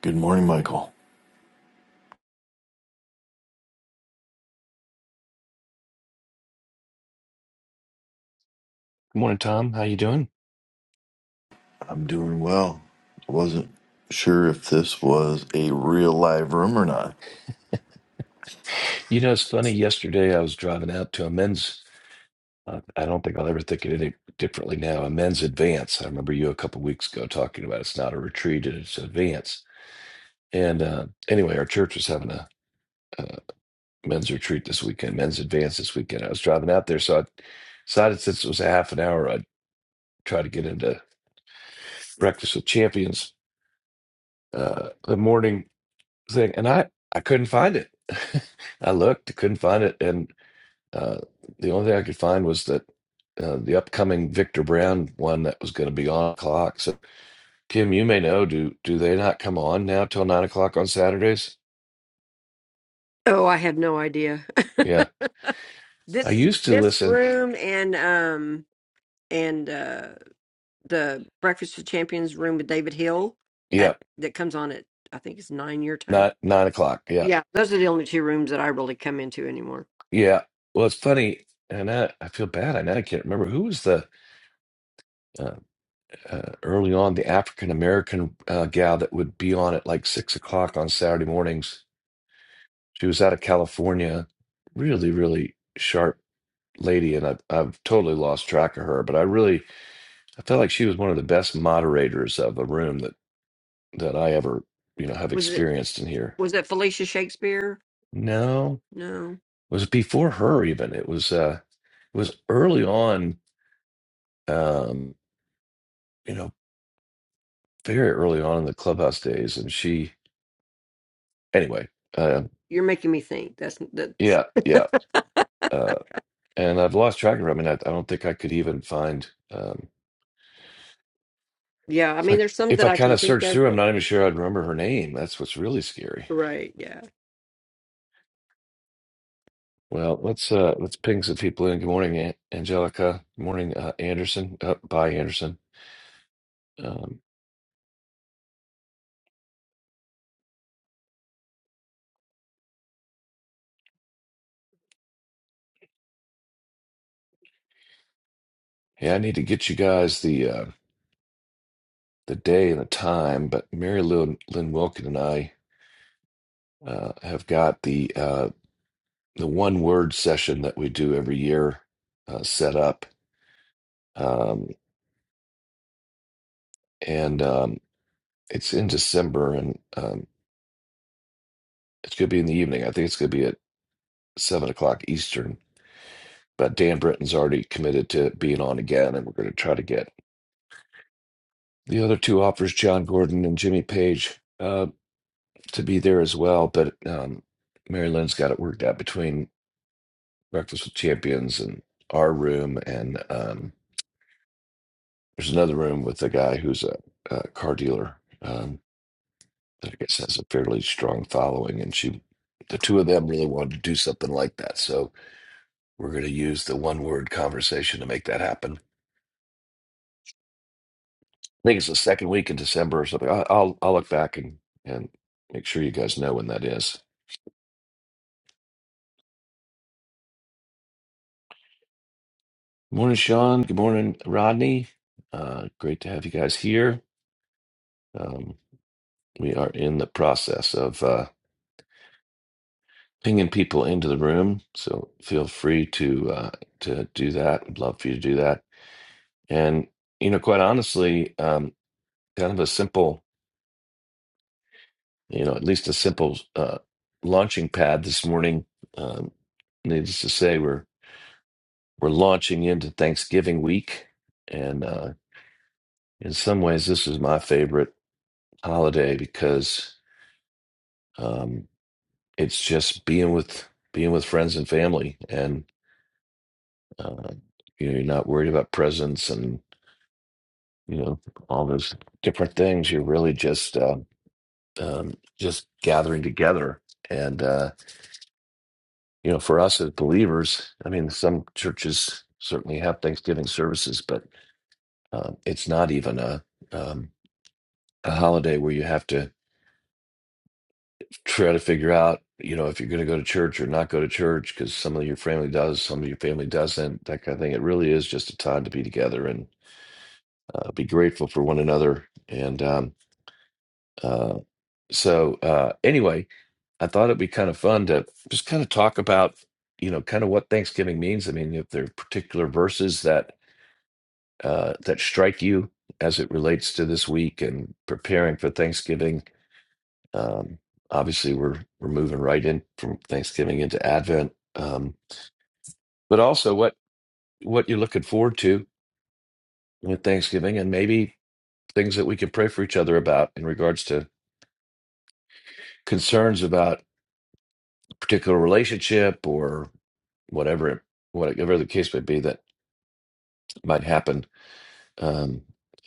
Good morning, Michael. Good morning, Tom. How you doing? I'm doing well. I wasn't sure if this was a real live room or not. You know, it's funny. Yesterday, I was driving out to a men's. Uh, I don't think I'll ever think of it differently now. A men's advance. I remember you a couple weeks ago talking about it's not a retreat; it's an advance. And uh, anyway, our church was having a, a men's retreat this weekend, men's advance this weekend. I was driving out there, so I decided since it was a half an hour, I'd try to get into breakfast with champions, uh, the morning thing, and I I couldn't find it. I looked, I couldn't find it, and. Uh, the only thing I could find was that uh, the upcoming Victor Brown one that was going to be on o'clock. So, Kim, you may know do do they not come on now till nine o'clock on Saturdays? Oh, I have no idea. Yeah, I This is used to this listen. room and um and uh the Breakfast with Champions room with David Hill at Yeah, that comes on at I think it's nine your time. not nine o'clock. Yeah, Yeah, those are the only two rooms that I really come into anymore. yeah. Well, it's funny, and I, I feel bad. I now I can't remember who was the uh, uh, early on the African American uh, gal that would be on at like six o'clock on Saturday mornings. She was out of California, really, really sharp lady, and I've, I've totally lost track of her, but I really I felt like she was one of the best moderators of a room that that I ever you know have Was it experienced in here. was it Felicia Shakespeare? No, No, it was before her even. It was uh, it was early on, um, you know, very early on in the clubhouse days, and she anyway, uh, you're making me think. That's that's yeah, yeah, uh, and I've lost track of her. I mean, I, I don't think I could even find um, yeah. I if mean, there's some if that I I kind can of think search of, through, I'm but not even sure I'd remember her name. That's what's really scary right, yeah. Well, let's uh let's ping some people in. Good morning, An- Angelica. Good morning, uh, Anderson. Uh, bye, Anderson. Um, hey, I need to get you guys the uh, the day and the time, but Mary Lou Lynn Wilkin and I uh, have got the uh, the one word session that we do every year uh, set up, um, and um, it's in December, and um, it's going to be in the evening. I think it's going to be at seven o'clock Eastern. But Dan Britton's already committed to being on again, and we're going to try to get The other two offers, John Gordon and Jimmy Page, uh, to be there as well. But um, Mary Lynn's got it worked out between Breakfast with Champions and our room. And um, there's another room with a guy who's a, a car dealer um, that I guess has a fairly strong following. And she, the two of them really wanted to do something like that. So we're going to use the one word conversation to make that happen. I think it's the second week in December or something. I, I'll, I'll look back and, and make sure you guys know when that is. Good morning, Sean. Good morning, Rodney. Uh, great to have you guys here. Um, we are in the process of uh, pinging people into the room, so feel free to uh, to do that. I'd love for you to do that. And you know, quite honestly, um, kind of a simple, you know, at least a simple uh, launching pad this morning. Um, needless to say, we're we're launching into Thanksgiving week, and uh, in some ways, this is my favorite holiday because um, it's just being with being with friends and family and uh, you know you're not worried about presents and you know all those different things you're really just uh, um, just gathering together and uh, you know for us as believers i mean some churches certainly have thanksgiving services but um, it's not even a um, a holiday where you have to try to figure out, you know, if you're going to go to church or not go to church because some of your family does, some of your family doesn't, that kind of thing. It really is just a time to be together and uh, be grateful for one another. And um, uh, so, uh, anyway, I thought it'd be kind of fun to just kind of talk about, you know, kind of what Thanksgiving means. I mean, if there are particular verses that uh, that strike you as it relates to this week and preparing for Thanksgiving Um, obviously, we're we're moving right in from Thanksgiving into Advent, um, but also what what you're looking forward to with Thanksgiving, and maybe things that we can pray for each other about in regards to concerns about a particular relationship or whatever whatever the case may be that might happen um,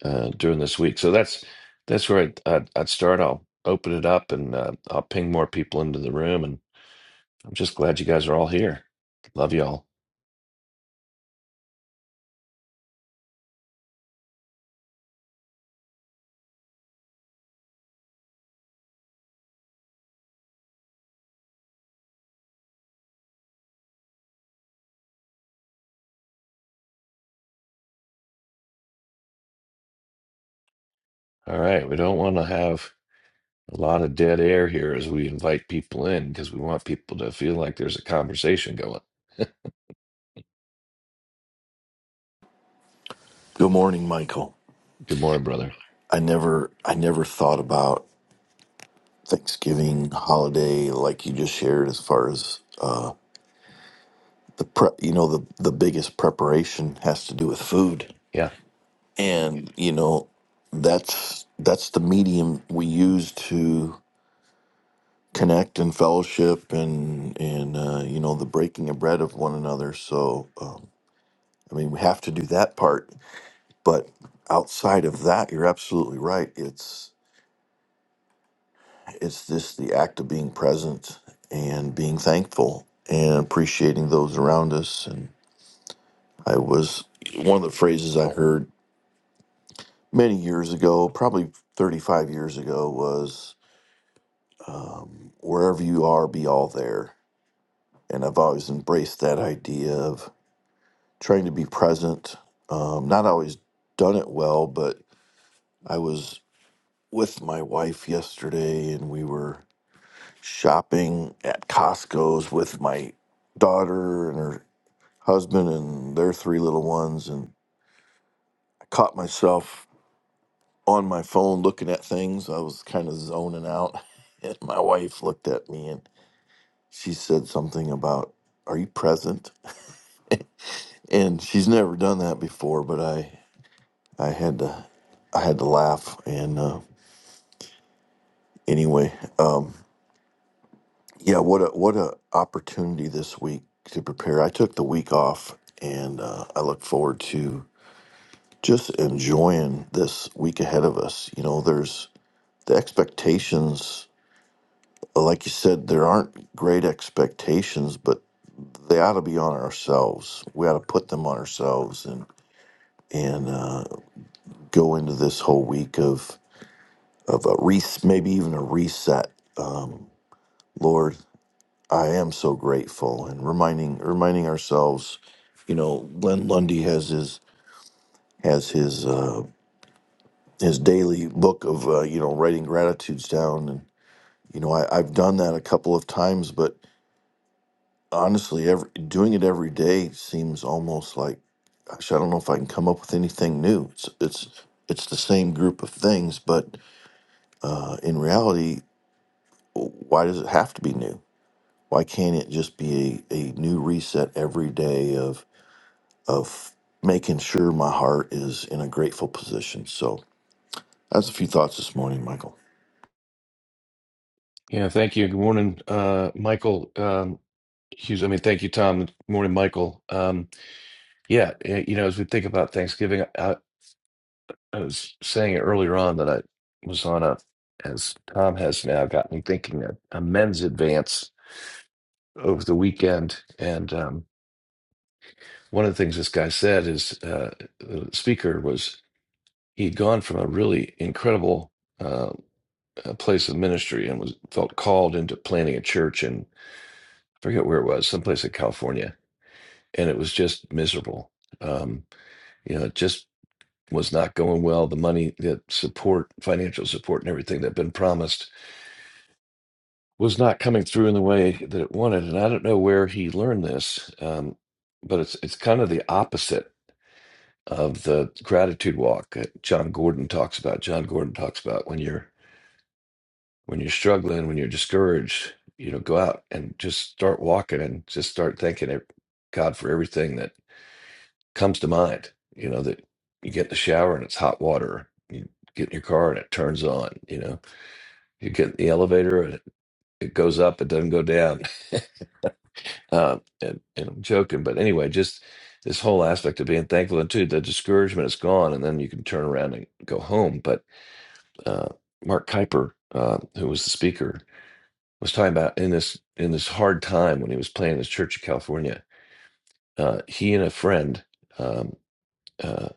uh, during this week. So that's that's where I'd, I'd, I'd start. I'll open it up and uh, I'll ping more people into the room and. I'm just glad you guys are all here. Love y'all. All right. We don't want to have a lot of dead air here as we invite people in because we want people to feel like there's a conversation going. Good morning, Michael. Good morning, brother. I never I never thought about Thanksgiving holiday like you just shared as far as the prep you know, the, the biggest preparation has to do with food. Yeah. And, you know, that's that's the medium we use to connect and fellowship and and uh, you know the breaking of bread of one another so uh, i mean we have to do that part But outside of that, you're absolutely right. It's it's just the act of being present and being thankful and appreciating those around us. And I was one of the phrases I heard many years ago, probably 35 years ago, was wherever you are, be all there. And I've always embraced that idea of trying to be present. Um, not always done it well, but I was with my wife yesterday and we were shopping at Costco's with my daughter and her husband and their three little ones. And I caught myself on my phone looking at things. I was kind of zoning out. And my wife looked at me and she said something about, Are you present? And she's never done that before, but I, I had to. I had to laugh, and uh, anyway, um, yeah, what a what a opportunity this week to prepare. I took the week off, and uh, I look forward to just enjoying this week ahead of us. You know, there's the expectations, like you said, there aren't great expectations, but they ought to be on ourselves. We ought to put them on ourselves and and uh, go into this whole week of of a re- maybe even a reset. Um, Lord, I am so grateful, and reminding reminding ourselves, you know, Glenn Lundy has his has his uh, his daily book of uh, you know writing gratitudes down and. You know, I, I've done that a couple of times, but honestly, every, doing it every day seems almost like, gosh, I don't know if I can come up with anything new. It's it's it's the same group of things, but uh, in reality, why does it have to be new? Why can't it just be a, a new reset every day of of making sure my heart is in a grateful position? So that's a few thoughts this morning, Michael. Yeah. Thank you. Good morning, uh, Michael. Um, Hughes, I mean, thank you, Tom. Good morning, Michael. Um, yeah, eh, you know, as we think about Thanksgiving, I, I was saying earlier on that I was on a, as Tom has now got me thinking, a, a men's advance over the weekend. And um, one of the things this guy said is uh, the speaker was he'd gone from a really incredible uh, uh, place of ministry and was felt called into planning a church in, I forget where it was, someplace in California. And it was just miserable. Um, you know, it just was not going well. The money, the support, financial support, and everything that had been promised was not coming through in the way that it wanted. And I don't know where he learned this, um, but it's it's kind of the opposite of the gratitude walk that John Gordon talks about. John Gordon talks about when you're when you're struggling, when you're discouraged, you know, go out and just start walking and just start thanking it- God for everything that comes to mind. You know, that you get in the shower and it's hot water. You get in your car and it turns on, you know. You get in the elevator and it, it goes up, it doesn't go down. Uh, and, and I'm joking, but anyway, just this whole aspect of being thankful and too, the discouragement is gone, and then you can turn around and go home. But uh, Mark Kuyper, uh, who was the speaker, was talking about in this in this hard time when he was playing his church in California, uh, he and a friend um, uh,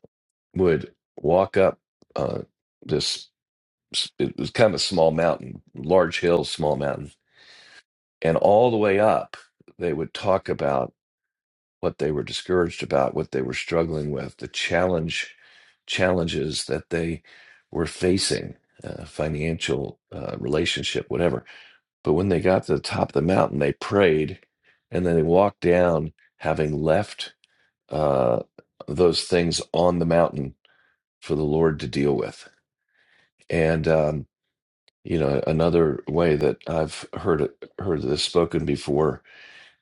would walk up uh, this. It was kind of a small mountain, large hill, small mountain, and all the way up, they would talk about what they were discouraged about, what they were struggling with, the challenge challenges that they were facing, uh, financial, uh, relationship, whatever. But when they got to the top of the mountain, they prayed, and then they walked down, having left uh, those things on the mountain for the Lord to deal with. And um, you know, another way that I've heard it, heard this spoken before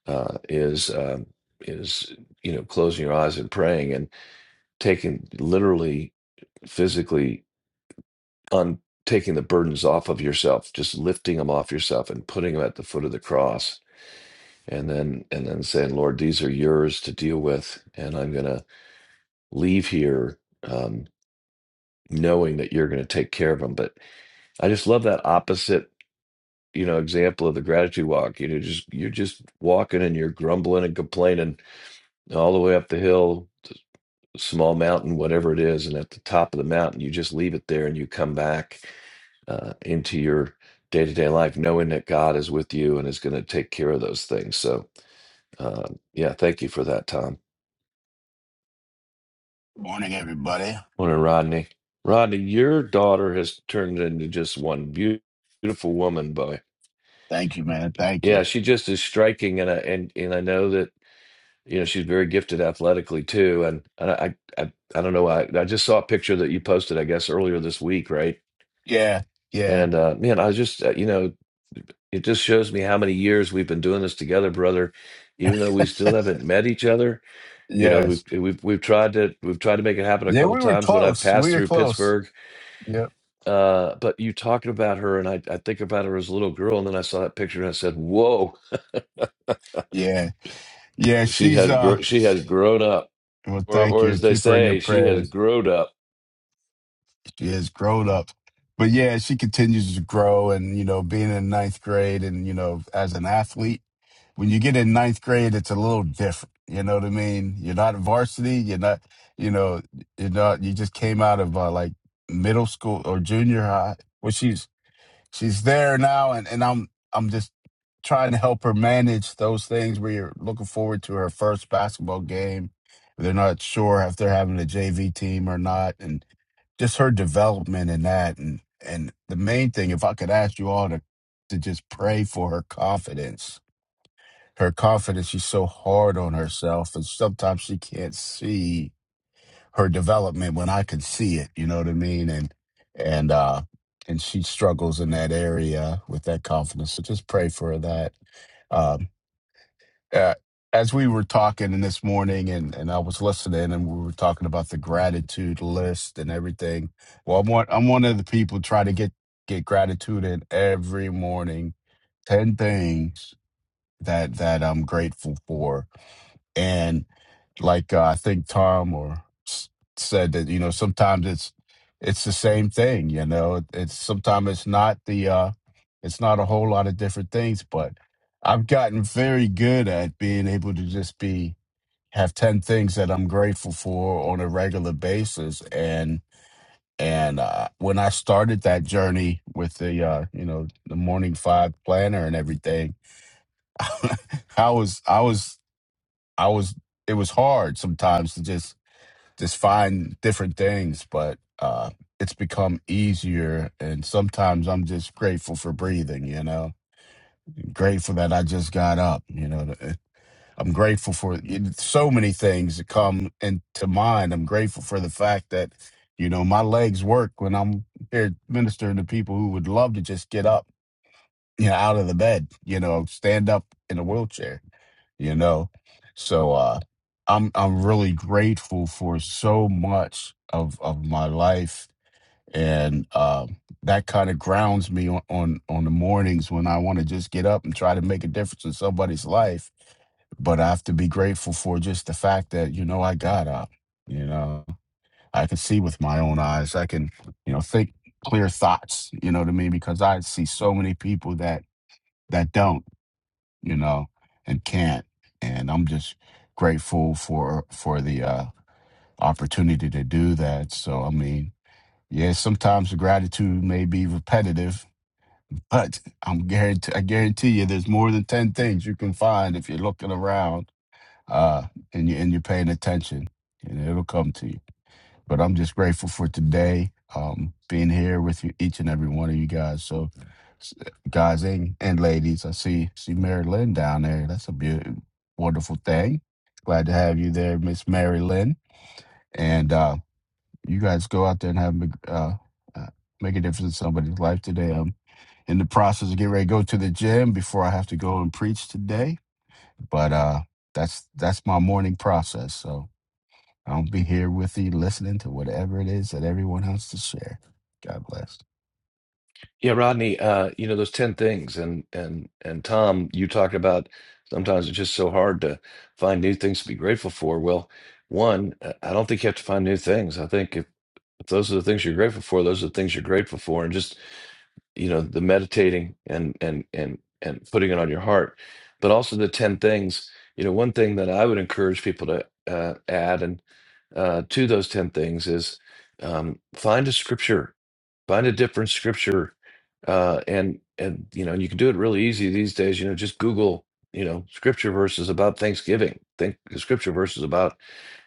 uh, is um, is you know closing your eyes and praying. and. taking literally physically on taking the burdens off of yourself just lifting them off yourself and putting them at the foot of the cross and then and then saying lord these are yours to deal with and i'm going to leave here um, knowing that you're going to take care of them but i just love that opposite you know example of the gratitude walk you know just you're just walking and you're grumbling and complaining all the way up the hill small mountain whatever it is and at the top of the mountain you just leave it there and you come back uh, into your day to day life, knowing that God is with you and is going to take care of those things. So, um, yeah, thank you for that, Tom. Morning, everybody. Morning, Rodney. Rodney, your daughter has turned into just one beau- beautiful woman, boy. Thank you, man. Thank you. Yeah, she just is striking, and I and and I know that you know she's very gifted athletically too. And, and I, I I don't know, I I just saw a picture that you posted, I guess, earlier this week, right? Yeah, yeah, And uh, man, I was just, uh, you know, it just shows me how many years we've been doing this together, brother. Even though we still haven't met each other, you know, we've yes. eh, we've, we've tried to we've tried to make it happen a Yeah, couple we were times when I've close. We passed were through close. Pittsburgh. Yep. Uh, but you talking about her, and I, I think about her as a little girl, and then I saw that picture, and I said, "Whoa, Yeah, yeah. she She's has uh. gr- she has grown up," Well, or thank or you. as they Keep her in your say, she has prayers. grown up She has grown up, but yeah, she continues to grow. And you know, being in ninth grade, and you know, as an athlete, when you get in ninth grade, it's a little different. You know what I mean? You're not varsity. You're not. You know, you're not. You just came out of uh, like middle school or junior high. Well, she's she's there now and, and I'm I'm just trying to help her manage those things where you're looking forward to her first basketball game. They're not sure if they're having a JV team or not and just her development in that and and the main thing if I could ask you all to to just pray for her confidence. Her confidence she's so hard on herself and sometimes she can't see her development when I could see it. You know what I mean? And and uh and she struggles in that area with that confidence. So just pray for that. Um, uh, as we were talking this morning, and and I was listening, and we were talking about the gratitude list and everything. Well, I'm one, I'm one of the people try to get get gratitude in every morning. Ten things that that I'm grateful for, and like uh, I think Tom or s- said that you know sometimes it's it's the same thing. You know, it's sometimes it's not the uh, it's not a whole lot of different things, but I've gotten very good at being able to just be have ten things that I'm grateful for on a regular basis and. And uh, when I started that journey with the, uh, you know, the morning five planner and everything, I was, I was, I was. It was hard sometimes to just just find different things, but uh, it's become easier. And sometimes I'm just grateful for breathing, you know, grateful that I just got up, you know. I'm grateful for so many things that come into mind. I'm grateful for the fact that, you know, my legs work when I'm here ministering to people who would love to just get up, you know, out of the bed, you know, stand up in a wheelchair you know so uh i'm i'm really grateful for so much of of my life and um that kind of grounds me on, on on the mornings when i want to just get up and try to make a difference in somebody's life but i have to be grateful for just the fact that you know i got up you know i can see with my own eyes i can you know think clear thoughts you know what i mean because i see so many people that that don't you know, and can't. And I'm just grateful for for the uh, opportunity to do that. So I mean, yeah, sometimes the gratitude may be repetitive, but I'm guarantee I guarantee you, there's more than ten things you can find if you're looking around uh, and you and you're paying attention, and it'll come to you but I'm just grateful for today, um, being here with you, each and every one of you guys. So, s- guys and, and ladies, I see see Mary Lynn down there. That's a beautiful, wonderful thing. Glad to have you there, Miss Mary Lynn. And uh, you guys go out there and have a big, uh, uh, make a difference in somebody's life today. I'm in the process of getting ready to go to the gym before I have to go and preach today, but uh, that's that's my morning process. So. I'll be here with you listening to whatever it is that everyone has to share. God bless. Yeah, Rodney, uh, you know, those 10 things and and and Tom, you talked about sometimes it's just so hard to find new things to be grateful for. Well, one, uh, I don't think you have to find new things. I think if, if those are the things you're grateful for, those are the things you're grateful for. And just you know the meditating and and and and putting it on your heart but also the 10 things you know one thing that i would encourage people to uh, add and uh, to those 10 things is um, find a scripture find a different scripture uh, and and you know and you can do it really easy these days you know just google you know scripture verses about thanksgiving think scripture verses about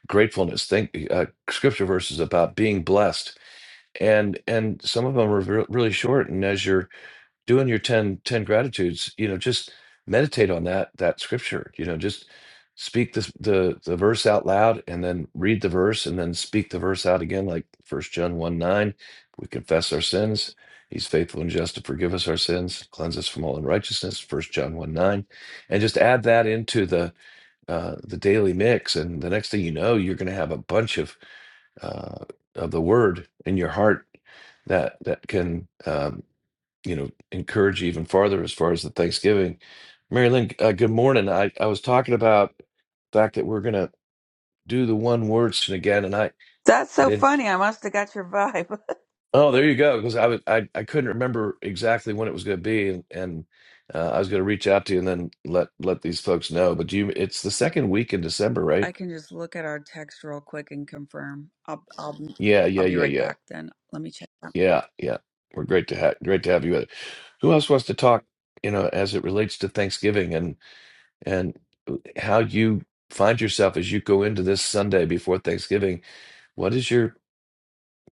gratefulness think uh, scripture verses about being blessed and and some of them are re- really short and as you're doing your 10 10 gratitudes, you know, just meditate on that that scripture. You know, just speak this the the verse out loud and then read the verse and then speak the verse out again, like first John 1 9. We confess our sins. He's faithful and just to forgive us our sins, cleanse us from all unrighteousness, first John 1 9. And just add that into the uh the daily mix. And the next thing you know, you're gonna have a bunch of uh of the word in your heart that that can um, you know encourage you even farther as far as the Thanksgiving. Mary Lynn, uh, good morning. I, I was talking about the fact that we're gonna do the one word again, and I That's I so didn't. funny. I must have got your vibe. Oh, there you go. Because I was I, I couldn't remember exactly when it was gonna be, and, and uh, I was gonna reach out to you and then let let these folks know. But you, it's the second week in December, right? I can just look at our text real quick and confirm. I'll I'll Yeah, I'll yeah, be yeah, right yeah, back then. Let me check that. yeah, yeah. We're great to have great to have you. with. Who else wants to talk? You know, as it relates to Thanksgiving and uh, how you find yourself as you go into this Sunday before Thanksgiving. What is your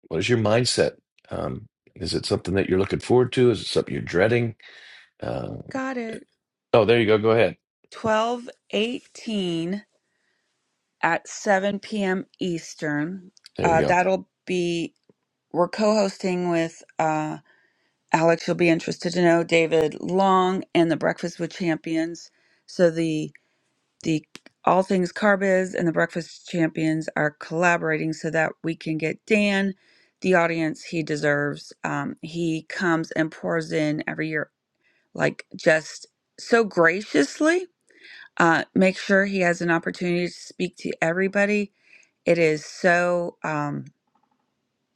what is your mindset? Um, is it something that you're looking forward to? Is it something you're dreading? Uh, Got it. oh, there you go. Go ahead. 1218 at 7 p.m. Eastern. There we Uh, go. that'll be we're co-hosting with uh, Alex, you'll be interested to know, David Long and the Breakfast with Champions. So the the all things carbiz and the breakfast champions are collaborating so that we can get dan the audience he deserves um, he comes and pours in every year like just so graciously uh, make sure he has an opportunity to speak to everybody it is so um,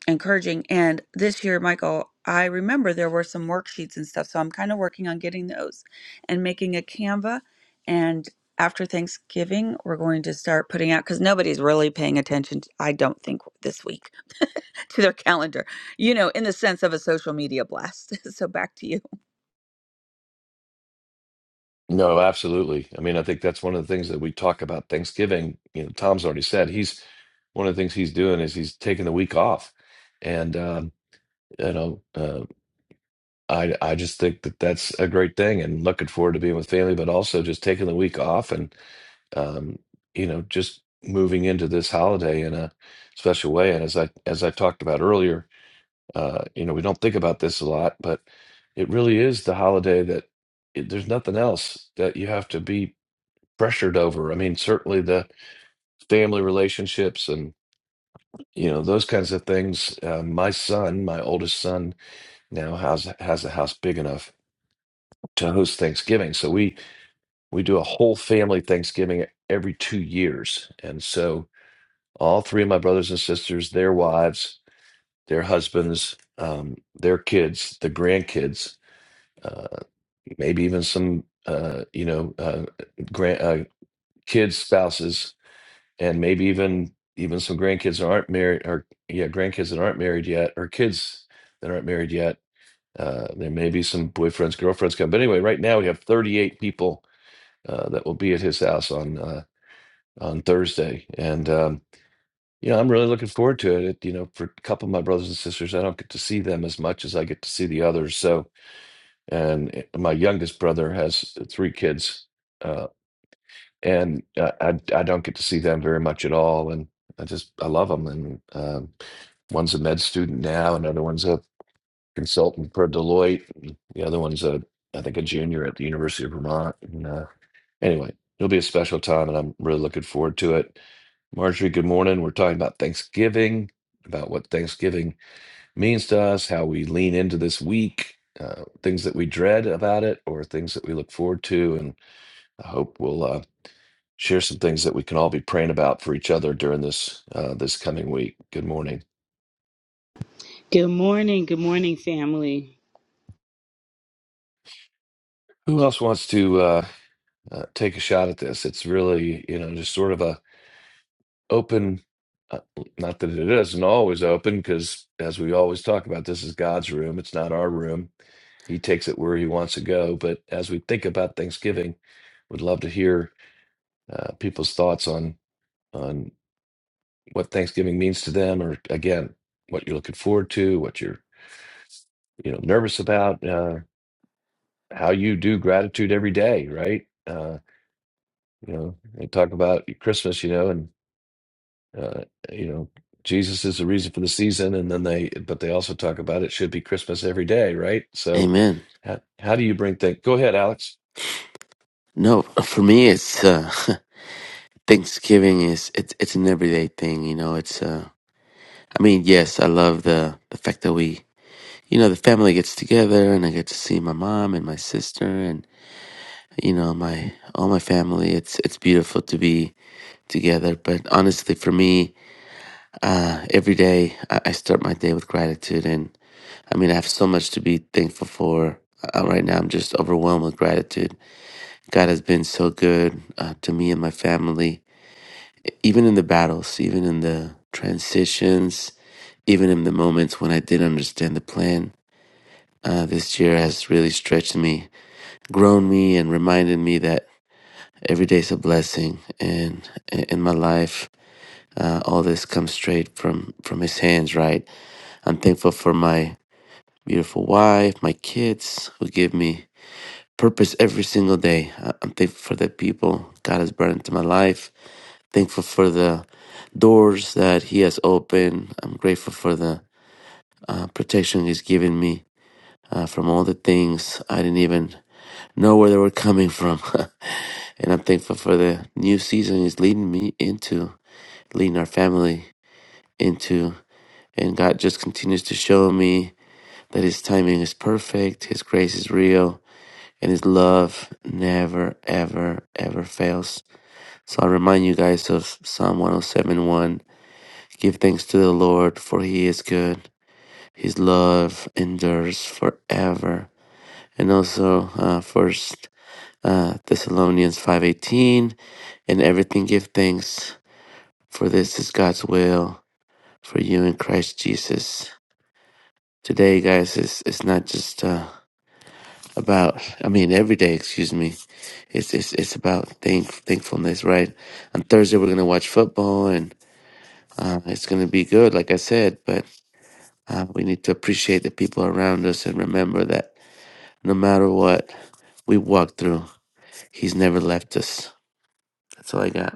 encouraging. And this year, Michael, I remember there were some worksheets and stuff. So I'm kind of working on getting those and making a Canva. And after Thanksgiving, we're going to start putting out because nobody's really paying attention, to, I don't think, this week to their calendar, you know, in the sense of a social media blast. so back to you. No, absolutely. I mean, I think that's one of the things that we talk about Thanksgiving. You know, Tom's already said he's one of the things he's doing is he's taking the week off, and um, you know, uh, I I just think that that's a great thing, and looking forward to being with family, but also just taking the week off and um, you know, just moving into this holiday in a special way. And as I as I talked about earlier, uh, you know, we don't think about this a lot, but it really is the holiday that it, there's nothing else that you have to be pressured over. I mean, certainly the family relationships and you know those kinds of things. Uh, my son, my oldest son, now has has a house big enough to host Thanksgiving, so we we do a whole family Thanksgiving every two years, and so all three of my brothers and sisters, their wives, their husbands, um, their kids, the grandkids, uh, maybe even some uh, you know uh, grand uh, kids, spouses and maybe even even some grandkids that aren't married or yeah grandkids that aren't married yet or kids that aren't married yet uh, there may be some boyfriends girlfriends come but anyway right now we have 38 people uh, that will be at his house on uh, on thursday and um, you know i'm really looking forward to it. it you know for a couple of my brothers and sisters i don't get to see them as much as i get to see the others so and eh, my youngest brother has three kids Uh, and uh, I I don't get to see them very much at all, and I just I love them. And um, one's a med student now, another one's a consultant for Deloitte, and the other one's a I think a junior at the University of Vermont. And uh, anyway, it'll be a special time, and I'm really looking forward to it. Marjorie, good morning. We're talking about Thanksgiving, about what Thanksgiving means to us, how we lean into this week. Uh, things that we dread about it or things that we look forward to and i hope we'll uh, share some things that we can all be praying about for each other during this uh, this coming week. Good morning. Good morning, good morning, family. Who else wants to uh, uh, take a shot at this? It's really you know just sort of a open. Uh, not that it isn't always open, because as we always talk about, this is God's room. It's not our room. He takes it where he wants to go. But as we think about Thanksgiving, we would love to hear uh, people's thoughts on on what Thanksgiving means to them, or again, what you're looking forward to, what you're you know nervous about. Uh, how you do gratitude every day, right? Uh, you know, they talk about Christmas, you know, and uh, you know, Jesus is the reason for the season, and then they, but they also talk about it should be Christmas every day, right? So, Amen. how, how do you bring things? Go ahead, Alex. No, for me, it's uh, Thanksgiving is it's it's an everyday thing. You know, it's uh, I mean, yes, I love the the fact that we, you know, the family gets together and I get to see my mom and my sister and you know my all my family. It's it's beautiful to be together. But honestly, for me, uh, every day I, I start my day with gratitude, and I mean, I have so much to be thankful for. Uh, right now, I'm just overwhelmed with gratitude. God has been so good uh, to me and my family even in the battles, even in the transitions, even in the moments when I didn't understand the plan, uh, this year has really stretched me, grown me, and reminded me that every day is a blessing. And in my life, uh, all this comes straight from from His hands. Right. I'm thankful for my beautiful wife, my kids, who give me purpose every single day. I- I'm thankful for the people God has brought into my life Thankful for the doors that He has opened. I'm grateful for the uh, protection He's given me uh, from all the things I didn't even know where they were coming from. and I'm thankful for the new season He's leading me into, leading our family into. And God just continues to show me that His timing is perfect, His grace is real, and His love never, ever, ever fails. So I remind you guys of Psalm 107:1. Give thanks to the Lord, for He is good. His love endures forever. And also, uh, First uh, Thessalonians five eighteen, and everything give thanks, for this is God's will for you in Christ Jesus. Today, guys, it's it's not just uh, about. I mean, every day, excuse me. It's it's it's about thank thankfulness, right? On Thursday, we're gonna watch football, and uh, it's gonna be good, like I said. but. Uh, we need to appreciate the people around us and remember that no matter what we walk through, He's never left us. That's all I got.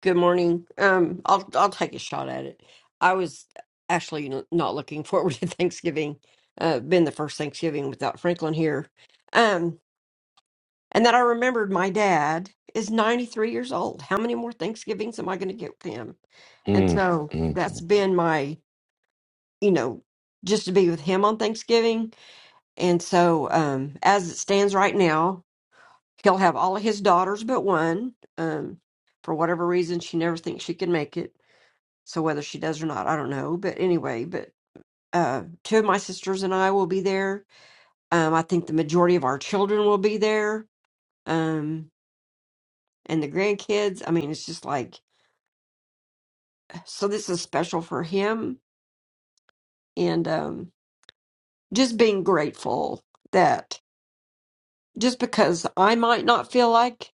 Good morning. Um, I'll I'll take a shot at it. I was actually n- not looking forward to Thanksgiving. Uh, been the first Thanksgiving without Franklin here, um, and that I remembered my dad is ninety three years old. How many more Thanksgivings am I going to get with him? And Mm, so mm, that's mm. been my, you know, just to be with him on Thanksgiving. And so um, as it stands right now, he'll have all of his daughters but one. Um, for whatever reason, she never thinks she can make it So whether she does or not, I don't know. But anyway, but uh, two of my sisters and I will be there. Um, I think the majority of our children will be there. Um, and the grandkids. I mean, it's just like so. This is special for him, and um, just being grateful that just because I might not feel like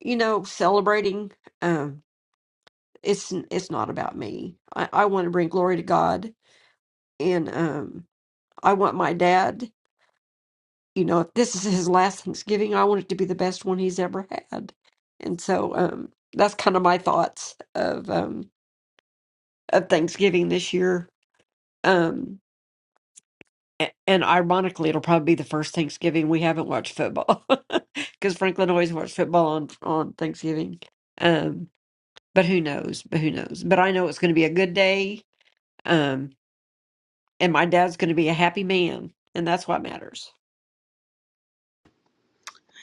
you know celebrating, um, it's it's not about me. I, I want to bring glory to God, and um, I want my dad you know, if this is his last Thanksgiving, I want it to be the best one he's ever had. And so um, that's kind of my thoughts of um, of Thanksgiving this year. Um, a- and ironically, it'll probably be the first Thanksgiving we haven't watched football because Franklin always watched football on on Thanksgiving. Um, but who knows? But who knows? But I know it's going to be a good day. Um, and my dad's going to be a happy man, and that's what matters.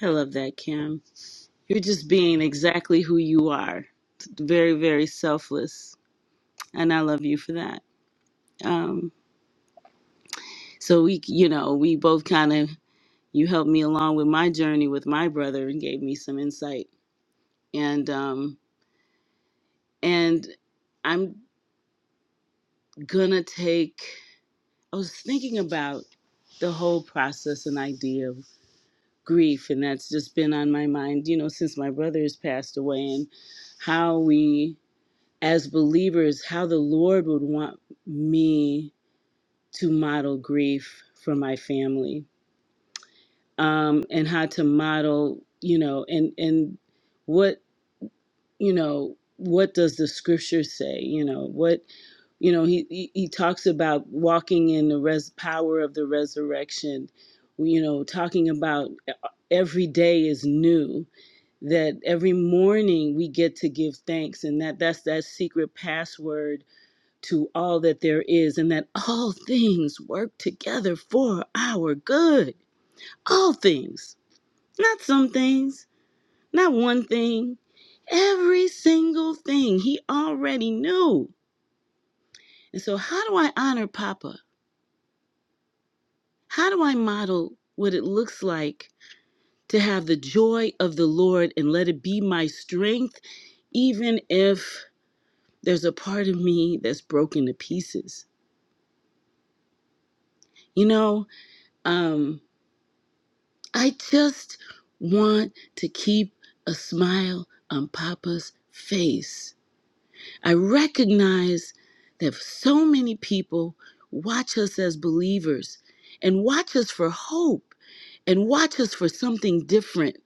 I love that, Kim. You're just being exactly who you are. Very, very selfless. And I love you for that. Um, so we, you know, we both kind of, you helped me along with my journey with my brother and gave me some insight. And, um, and I'm gonna take, I was thinking about the whole process and idea grief and that's just been on my mind you know since my brother has passed away and how we as believers how the lord would want me to model grief for my family um and how to model you know and and what you know what does the scripture say you know what you know he he, he talks about walking in the res power of the resurrection you know talking about e, every day is new that every morning we get to give thanks and that that's that secret password to all that there is and that all things work together for our good all things not some things not one thing every single thing he already knew and so how do i honor papa how do i model what it looks like to have the joy of the lord and let it be my strength even if There's a part of me that's broken to pieces. You know, um, I just want to keep a smile on Papa's face. I recognize that so many people watch us as believers and watch us for hope and watch us for something different.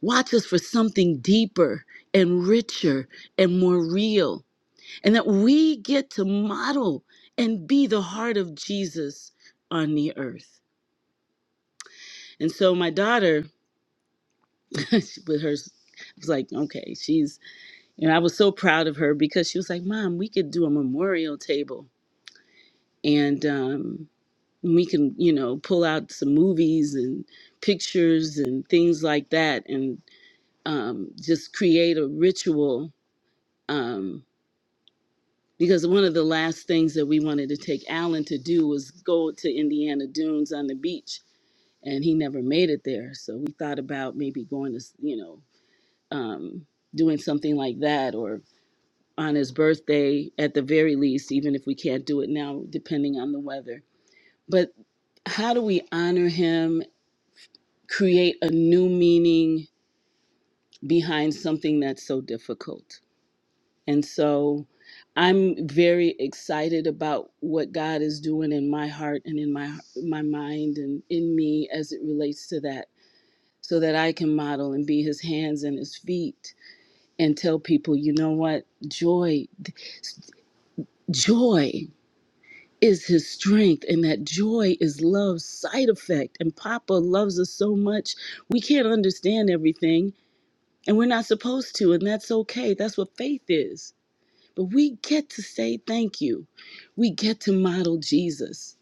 Watch us for something deeper and richer and more real. and that we get to model and be the heart of Jesus on the earth. And so my daughter, with her, I was like, okay, she's, you know, I was so proud of her because she was like, Mom, we could do a memorial table and um, we can, you know, pull out some movies and pictures and things like that and um, just create a ritual. Um, because one of the last things that we wanted to take Alan to do was go to Indiana Dunes on the beach, and he never made it there. So we thought about maybe going to, you know, um, doing something like that, or on his birthday at the very least, even if we can't do it now, depending on the weather. But how do we honor him, create a new meaning behind something that's so difficult? And so I'm very excited about what God is doing in my heart and in my my mind and in me as it relates to that so that I can model and be his hands and his feet and tell people, you know what? Joy joy is his strength and that joy is love's side effect and papa loves us so much we can't understand everything and we're not supposed to and that's okay that's what faith is But we get to say thank you. We get to model Jesus.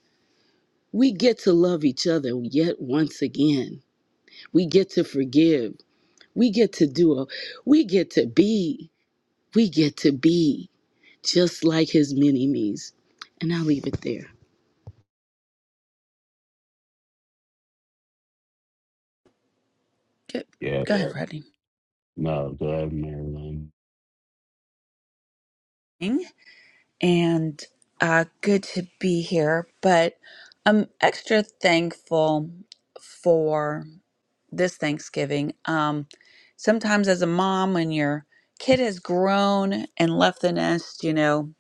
We get to love each other yet once again. We get to forgive. We get to do a, we get to be. We get to be just like his mini me's. And I'll leave it there. Good. Yeah, Go ahead, Rodney. no, go ahead, Marilyn. And uh, good to be here. But I'm extra thankful for. this Thanksgiving. Um, sometimes, as a mom, when your kid has grown and left the nest, you know,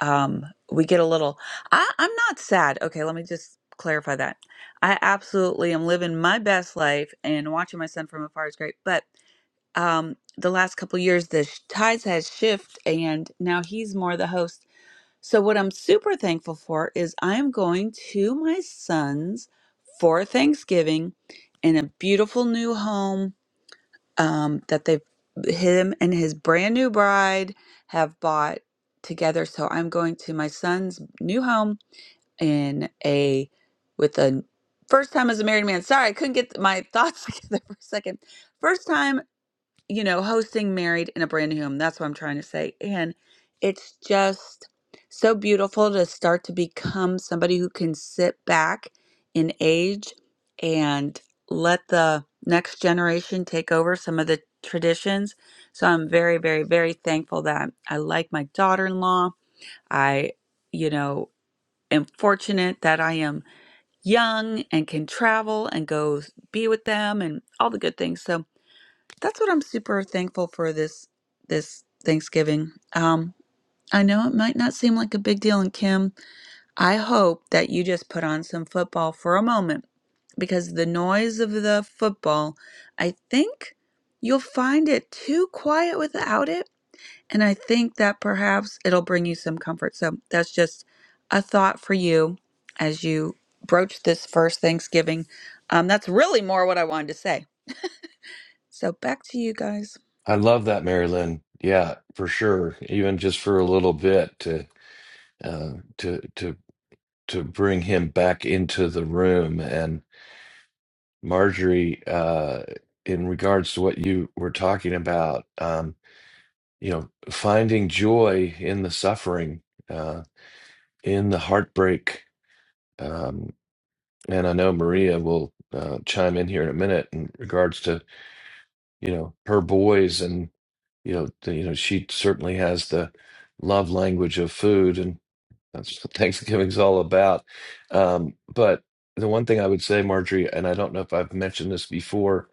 um, we get a little. I, I'm not sad. Okay, let me just clarify that. I absolutely am living my best life, and watching my son from afar is great. But um, the last couple years, the sh- tides has shifted, and now he's more the host so, what I'm super thankful for is I'm going to my son's for Thanksgiving in a beautiful new home um, that they've him and his brand new bride have bought together. So, I'm going to my son's new home in a with a first time as a married man. Sorry, I couldn't get my thoughts together for a second. First time you know, hosting Married in a Brand New Home. That's what I'm trying to say. And it's just so beautiful to start to become somebody who can sit back in age and let the next generation take over some of the traditions. So I'm very, very, very thankful that I like my daughter in law. I, you know, am fortunate that I am young and can travel and go be with them and all the good things. So that's what I'm super thankful for this this Thanksgiving. Um, I know it might not seem like a big deal, and Kim, I hope that you just put on some football for a moment because the noise of the football, I think you'll find it too quiet without it, and I think that perhaps it'll bring you some comfort. So that's just a thought for you as you broach this first Thanksgiving. Um, that's really more what I wanted to say. So back to you guys. I love that, Mary Lynn. Yeah, for sure. Even just for a little bit to uh, to to to bring him back into the room and Marjorie. Uh, in regards to what you were talking about. Um, you know, finding joy in the suffering, uh, in the heartbreak. Um, and I know Maria will uh, chime in here in a minute in regards to you know her boys and you know the, you know she certainly has the love language of food and that's what Thanksgiving's all about. Um, but the one thing I would say, Marjorie, and I don't know if I've mentioned this before,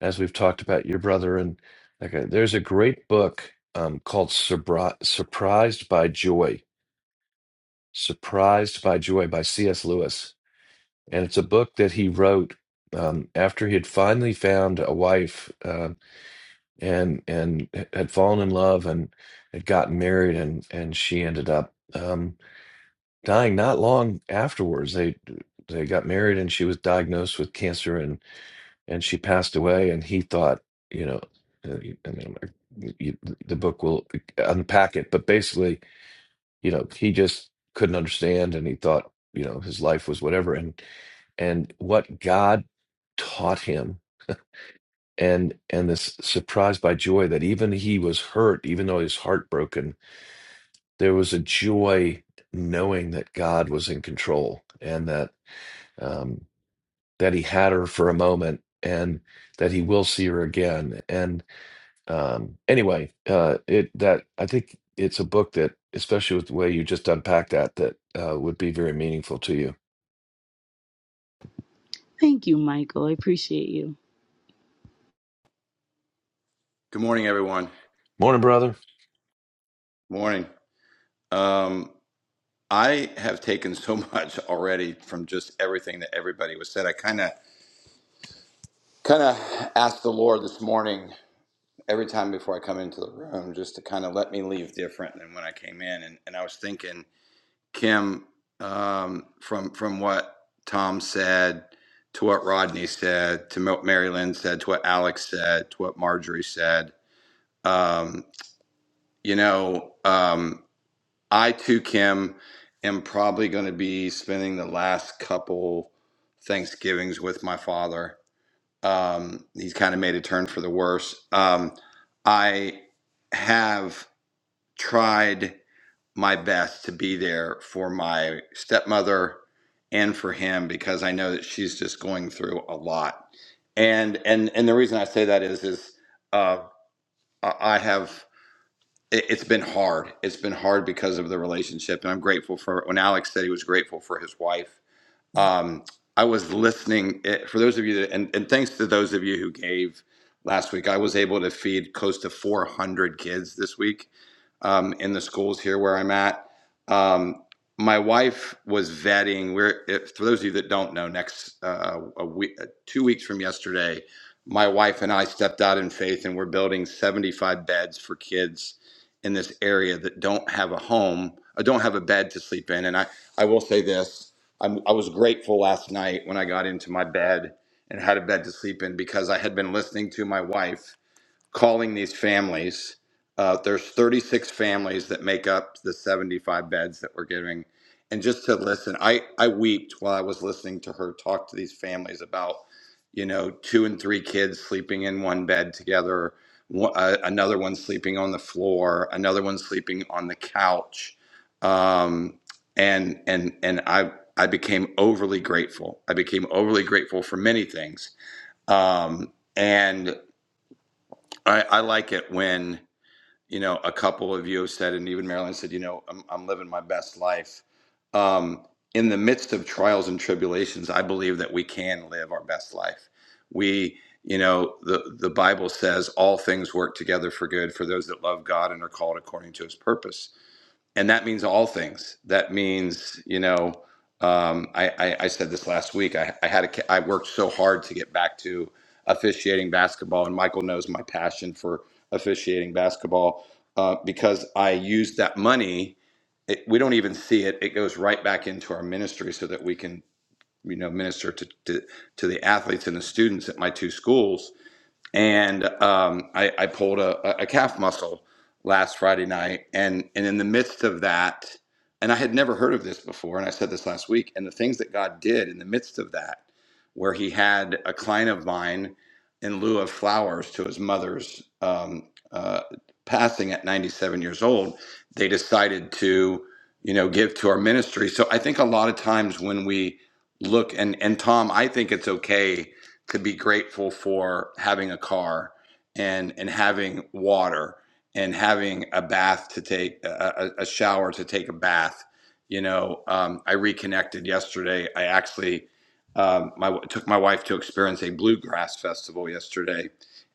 as we've talked about your brother and like, uh, there's a great book um, called Surpri- "Surprised by Joy," Surprised by Joy by C.S. Lewis. And it's a book that he wrote um, after he had finally found a wife uh, and and had fallen in love and had gotten married and and she ended up um, dying not long afterwards. They they got married and she was diagnosed with cancer and and she passed away and he thought, you know, uh, I mean, you- the book will uh, unpack it, but basically you know he just couldn't understand and he thought you know his life was whatever and and what god taught him and and this surprise by joy that even he was hurt even though he was heartbroken there was a joy knowing that god was in control and that um that he had her for a moment and that he will see her again and. um anyway uh it that i think it's a book that especially with the way you just unpacked that that uh would be very meaningful to you Thank you, Michael. I appreciate you. Good morning, everyone. morning brother Morning. Um, I have taken so much already from just everything that everybody was said. I kind of, kind of asked the Lord this morning every time before I come into the room, just to kind of let me leave different than when I came in. And, and I was thinking, Kim, um, from from what Tom said to what Rodney said to what Mary Lynn said to what Alex said to what Marjorie said, um, you know. Um, I too, Kim, am probably going to be spending the last couple Thanksgivings with my father. Um, he's kind of made a turn for the worse. Um, I have tried my best to be there for my stepmother and for him because I know that she's just going through a lot. And and and the reason I say that is is uh, I I have it, it's been hard. It's been hard because of the relationship, and I'm grateful for when Alex said he was grateful for his wife. Um, I was listening eh, for those of you that, and, and thanks to those of you who gave last week. I was able to feed close to 400 kids this week um, in the schools here where I'm at. Um, my wife was vetting. We're if, for those of you that don't know, next uh, a week, two weeks from yesterday, my wife and I stepped out in faith, and we're building 75 beds for kids in this area that don't have a home, uh, don't have a bed to sleep in. And I, I will say this: I'm, I was grateful last night when I got into my bed and had a bed to sleep in because I had been listening to my wife calling these families. Uh, there's 36 families that make up the 75 beds that we're giving. And just to listen, I, I weeped while I was listening to her talk to these families about, you know, two and three kids sleeping in one bed together, one, uh, another one sleeping on the floor, another one sleeping on the couch. Um, and and and I I became overly grateful. I became overly grateful for many things. Um, and I, I like it when you know a couple of you have said, and even Marilyn said, you know, I'm, I'm living my best life. Um, in the midst of trials and tribulations, I believe that we can live our best life. We, you know, the the Bible says all things work together for good for those that love God and are called according to His purpose and that means all things. That means, you know, um, I, I, I said this last week. I, I had a, ca- I worked so hard to get back to officiating basketball, and Michael knows my passion for officiating basketball uh, because I used that money. It, we don't even see it. It goes right back into our ministry so that we can, you know, minister to to, to the athletes and the students at my two schools and um, I, I pulled a, a calf muscle last Friday night, and and in the midst of that, and I had never heard of this before, and I said this last week, and the things that God did in the midst of that, where He had a client of mine in lieu of flowers to his mother's um, uh, passing at 97 years old, they decided to you know give to our ministry. So I think a lot of times when we look and and Tom, I think it's okay could be grateful for having a car and and having water and having a bath to take a, a shower to take a bath you know um, i reconnected yesterday i actually um, my, took my wife to experience a bluegrass festival yesterday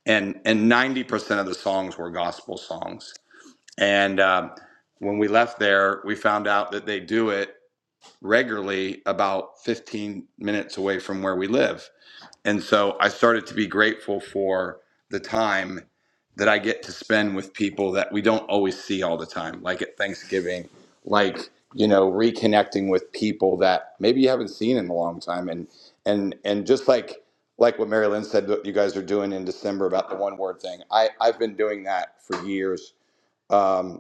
and and 90% of the songs were gospel songs and um, when we left there we found out that they do it regularly about 15 minutes away from where we live and so I started to be grateful for the time that I get to spend with people that we don't always see all the time, like at Thanksgiving, like, you know, reconnecting with people that maybe you haven't seen in a long time. And and and just like like what Mary Lynn said that you guys are doing in December about the one word thing. I, I've been doing that for years. Um,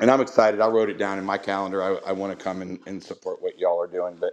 and I'm excited. I wrote it down in my calendar. I, I want to come and, and support what y'all are doing, but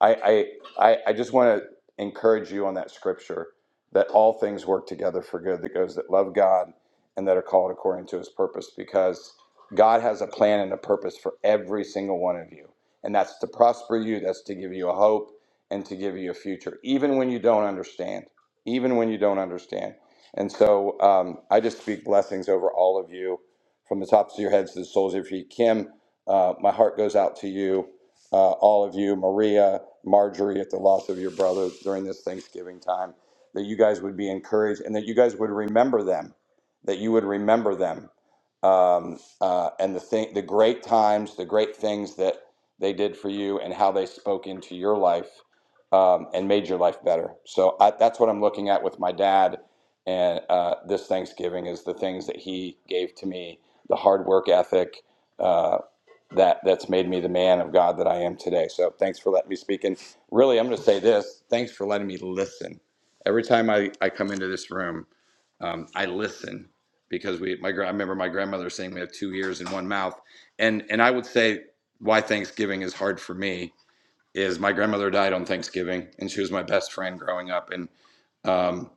I I I, I just want to encourage you on that scripture that all things work together for good that goes that love God and that are called according to His purpose because God has a plan and a purpose for every single one of you, and that's to prosper you, that's to give you a hope and to give you a future, even when you don't understand, even when you don't understand. And so um, I just speak blessings over all of you from the tops of your heads to the soles of your feet. Kim, uh, my heart goes out to you, uh, all of you, Maria, Marjorie, at the loss of your brother during this Thanksgiving time, that you guys would be encouraged and that you guys would remember them, that you would remember them. Um, uh, and the thing, the great times, the great things that they did for you, and how they spoke into your life um, and made your life better. So I, that's what I'm looking at with my dad, and uh, this Thanksgiving is the things that he gave to me the hard work ethic uh, that that's made me the man of God that I am today. So thanks for letting me speak. And really, I'm going to say this: thanks for letting me listen. Every time I, I come into this room, um, I listen because we my gra- I remember my grandmother saying we have two ears and one mouth, and and I would say why Thanksgiving is hard for me is my grandmother died on Thanksgiving, and she was my best friend growing up, and um,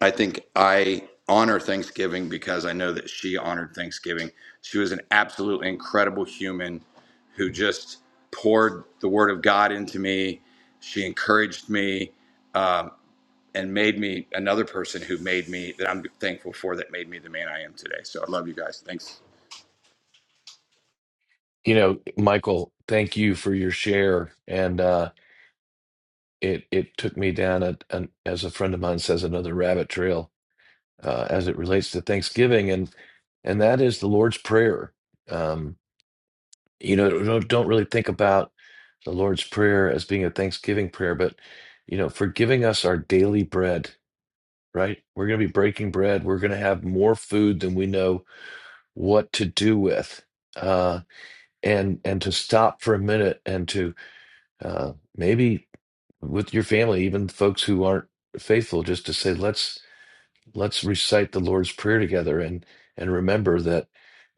I think I honor Thanksgiving because I know that she honored Thanksgiving. She was an absolute incredible human who just poured the word of God into me. She encouraged me um, and made me another person who made me that I'm thankful for that made me the man I am today. So I love you guys. Thanks. you know michael thank you for your share and uh it it took me down a, an as a friend of mine says another rabbit trail uh as it relates to thanksgiving and and that is the lord's prayer um you know don't, don't really think about the lord's prayer as being a thanksgiving prayer but you know forgiving us our daily bread right? We're going to be breaking bread. We're going to have more food than we know what to do with. Uh, and and to stop for a minute and to uh, maybe with your family, even folks who aren't faithful, just to say let's let's recite the Lord's Prayer together and and remember that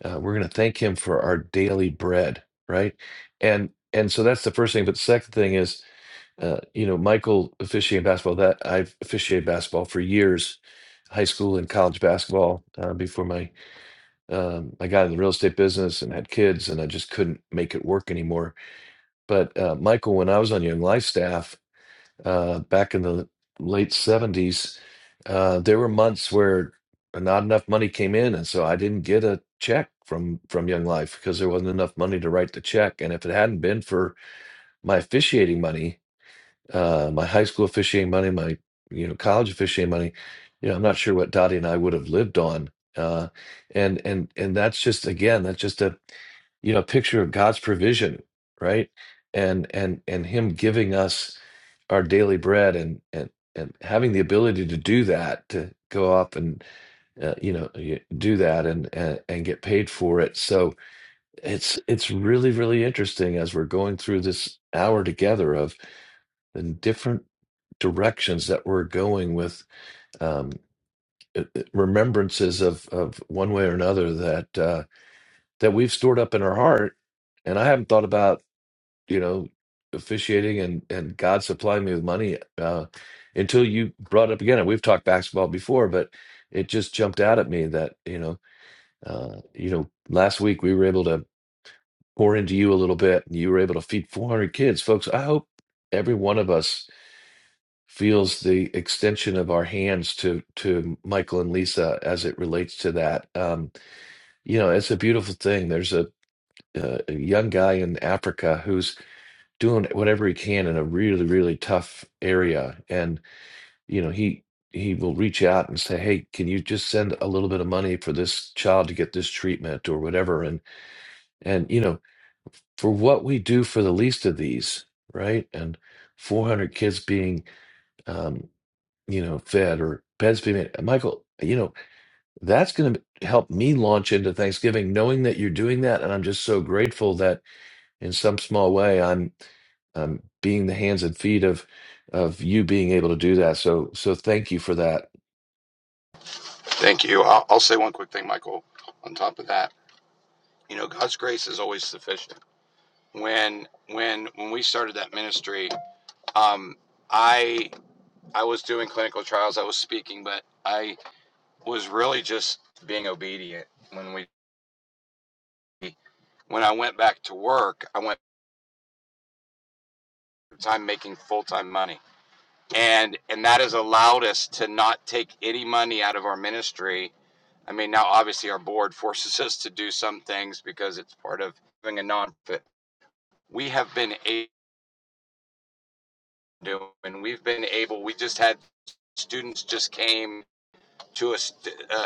uh, we're going to thank Him for our daily bread, right? And and so that's the first thing. But the second thing is uh, you know, Michael officiating basketball. That I've officiated basketball for years, high school and college basketball. Uh, before my um, I got in the real estate business and had kids, and I just couldn't make it work anymore. But uh, Michael, when I was on Young Life staff uh, back in the late seventies, uh, there were months where not enough money came in, and so I didn't get a check from from Young Life because there wasn't enough money to write the check. And if it hadn't been for my officiating money, uh, my high school officiating money, my you know college officiating money. You know, I'm not sure what Dottie and I would have lived on. Uh, and and and that's just again, that's just a you know picture of God's provision, right? And and and Him giving us our daily bread and and and having the ability to do that to go up and uh, you know y- do that and, and and get paid for it so it's it's really really interesting as we're going through this hour together and different directions that we're going with um, remembrances of of one way or another that uh, that we've stored up in our heart. And I haven't thought about you know officiating and and God supplying me with money uh, until you brought up again. And we've talked basketball before, but it just jumped out at me that you know uh, you know last week we were able to pour into you a little bit, and you were able to feed 400 kids, folks. I hope every one of us feels the extension of our hands to to Michael and Lisa as it relates to that. Um, you know, it's a beautiful thing. There's a, uh, a young guy in Africa who's doing whatever he can in a really really tough area, and you know he he will reach out and say, "Hey, can you just send a little bit of money for this child to get this treatment or whatever?" And and you know for what we do for the least of these, right? And 400 kids being um, you know, fed or beds be Michael, you know, that's going to help me launch into Thanksgiving, knowing that you're doing that, and I'm just so grateful that in some small way I'm I'm being the hands and feet of of you being able to do that. So so thank you for that. Thank you. I'll, I'll say one quick thing, Michael. On top of that, you know, God's grace is always sufficient. When when when we started that ministry, um, I I was doing clinical trials, I was speaking, but I was really just being obedient when we when I went back to work, I went time making full-time money. And and that has allowed us to not take any money out of our ministry. I mean, now obviously our board forces us to do some things because it's part of having a nonprofit. We have been able to do, and we've been able, we just had students just came to us uh,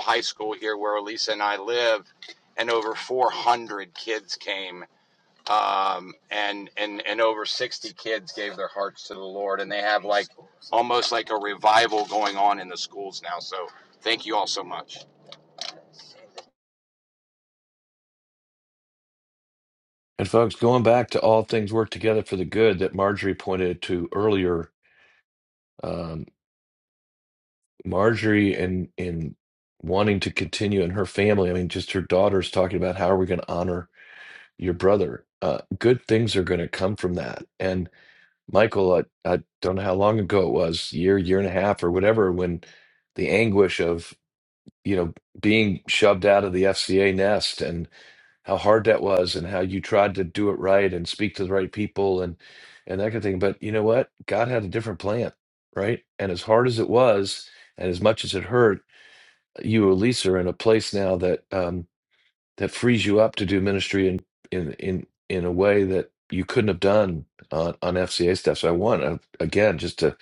high school here where Elisa and I live, and over 400 kids came. Um, and, and, and over 60 kids gave their hearts to the Lord. And they have like almost like a revival going on in the schools now. So thank you all so much. And folks, going back to all things work together for the good that Marjorie pointed to earlier, um, Marjorie and in wanting to continue in her family. I mean, just her daughter's talking about how are we going to honor your brother. Uh, good things are going to come from that. And Michael, I, I don't know how long ago it was, year, year and a half, or whatever, when the anguish of you know being shoved out of the FCA nest and how hard that was, and how you tried to do it right and speak to the right people and and that kind of thing. But you know what? God had a different plan, right? And as hard as it was, and as much as it hurt, you at least are in a place now that. um, that frees you up to do ministry in in in in a way that you couldn't have done on, on FCA stuff. So I want uh, again just to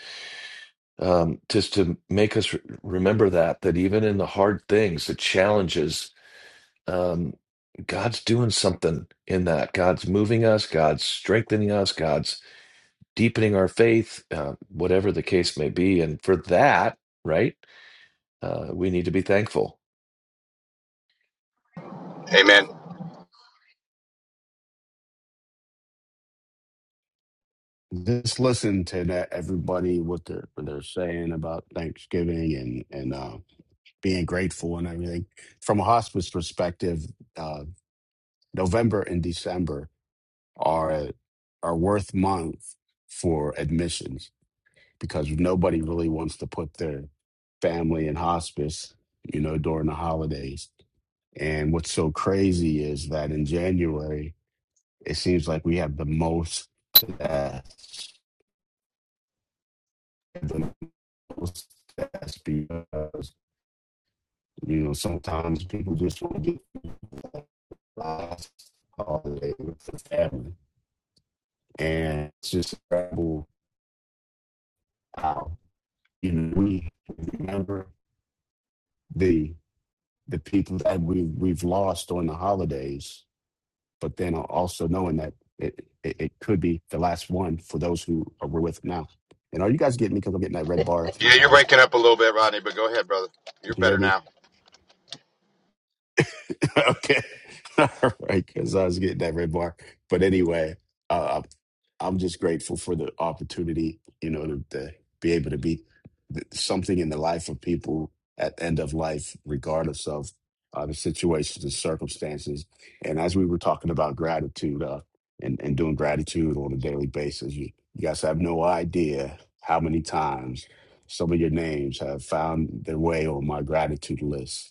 um, just to make us re- remember that that even in the hard things, the challenges, um, God's doing something in that. God's moving us. God's strengthening us. God's deepening our faith, uh, whatever the case may be. And for that, right, uh, we need to be thankful. Amen. Just listen to that everybody what they're what they're saying about Thanksgiving and and uh, being grateful and everything. From a hospice perspective, uh, November and December are are worth month for admissions because nobody really wants to put their family in hospice, you know, during the holidays. And what's so crazy is that in January, it seems like we have the most deaths, the most deaths because, you know, sometimes people just want to get through that last holiday with the family. And it's just incredible how, you know, we remember the the people that we, we've lost during the holidays but then also knowing that it, it, it could be the last one for those who are we're with now. And are you guys getting me? Because I'm getting that red bar Yeah, you're sometimes. waking up a little bit, Rodney, but go ahead, brother. You You're can hear better me? now. okay. All right. Because I was getting that red bar. But anyway, uh, I'm just grateful for the opportunity, you know, to, to be able to be th- something in the life of people at the end of life, regardless of uh, the situations and circumstances. And as we were talking about gratitude uh, and, and doing gratitude on a daily basis, you, you guys have no idea how many times some of your names have found their way on my gratitude list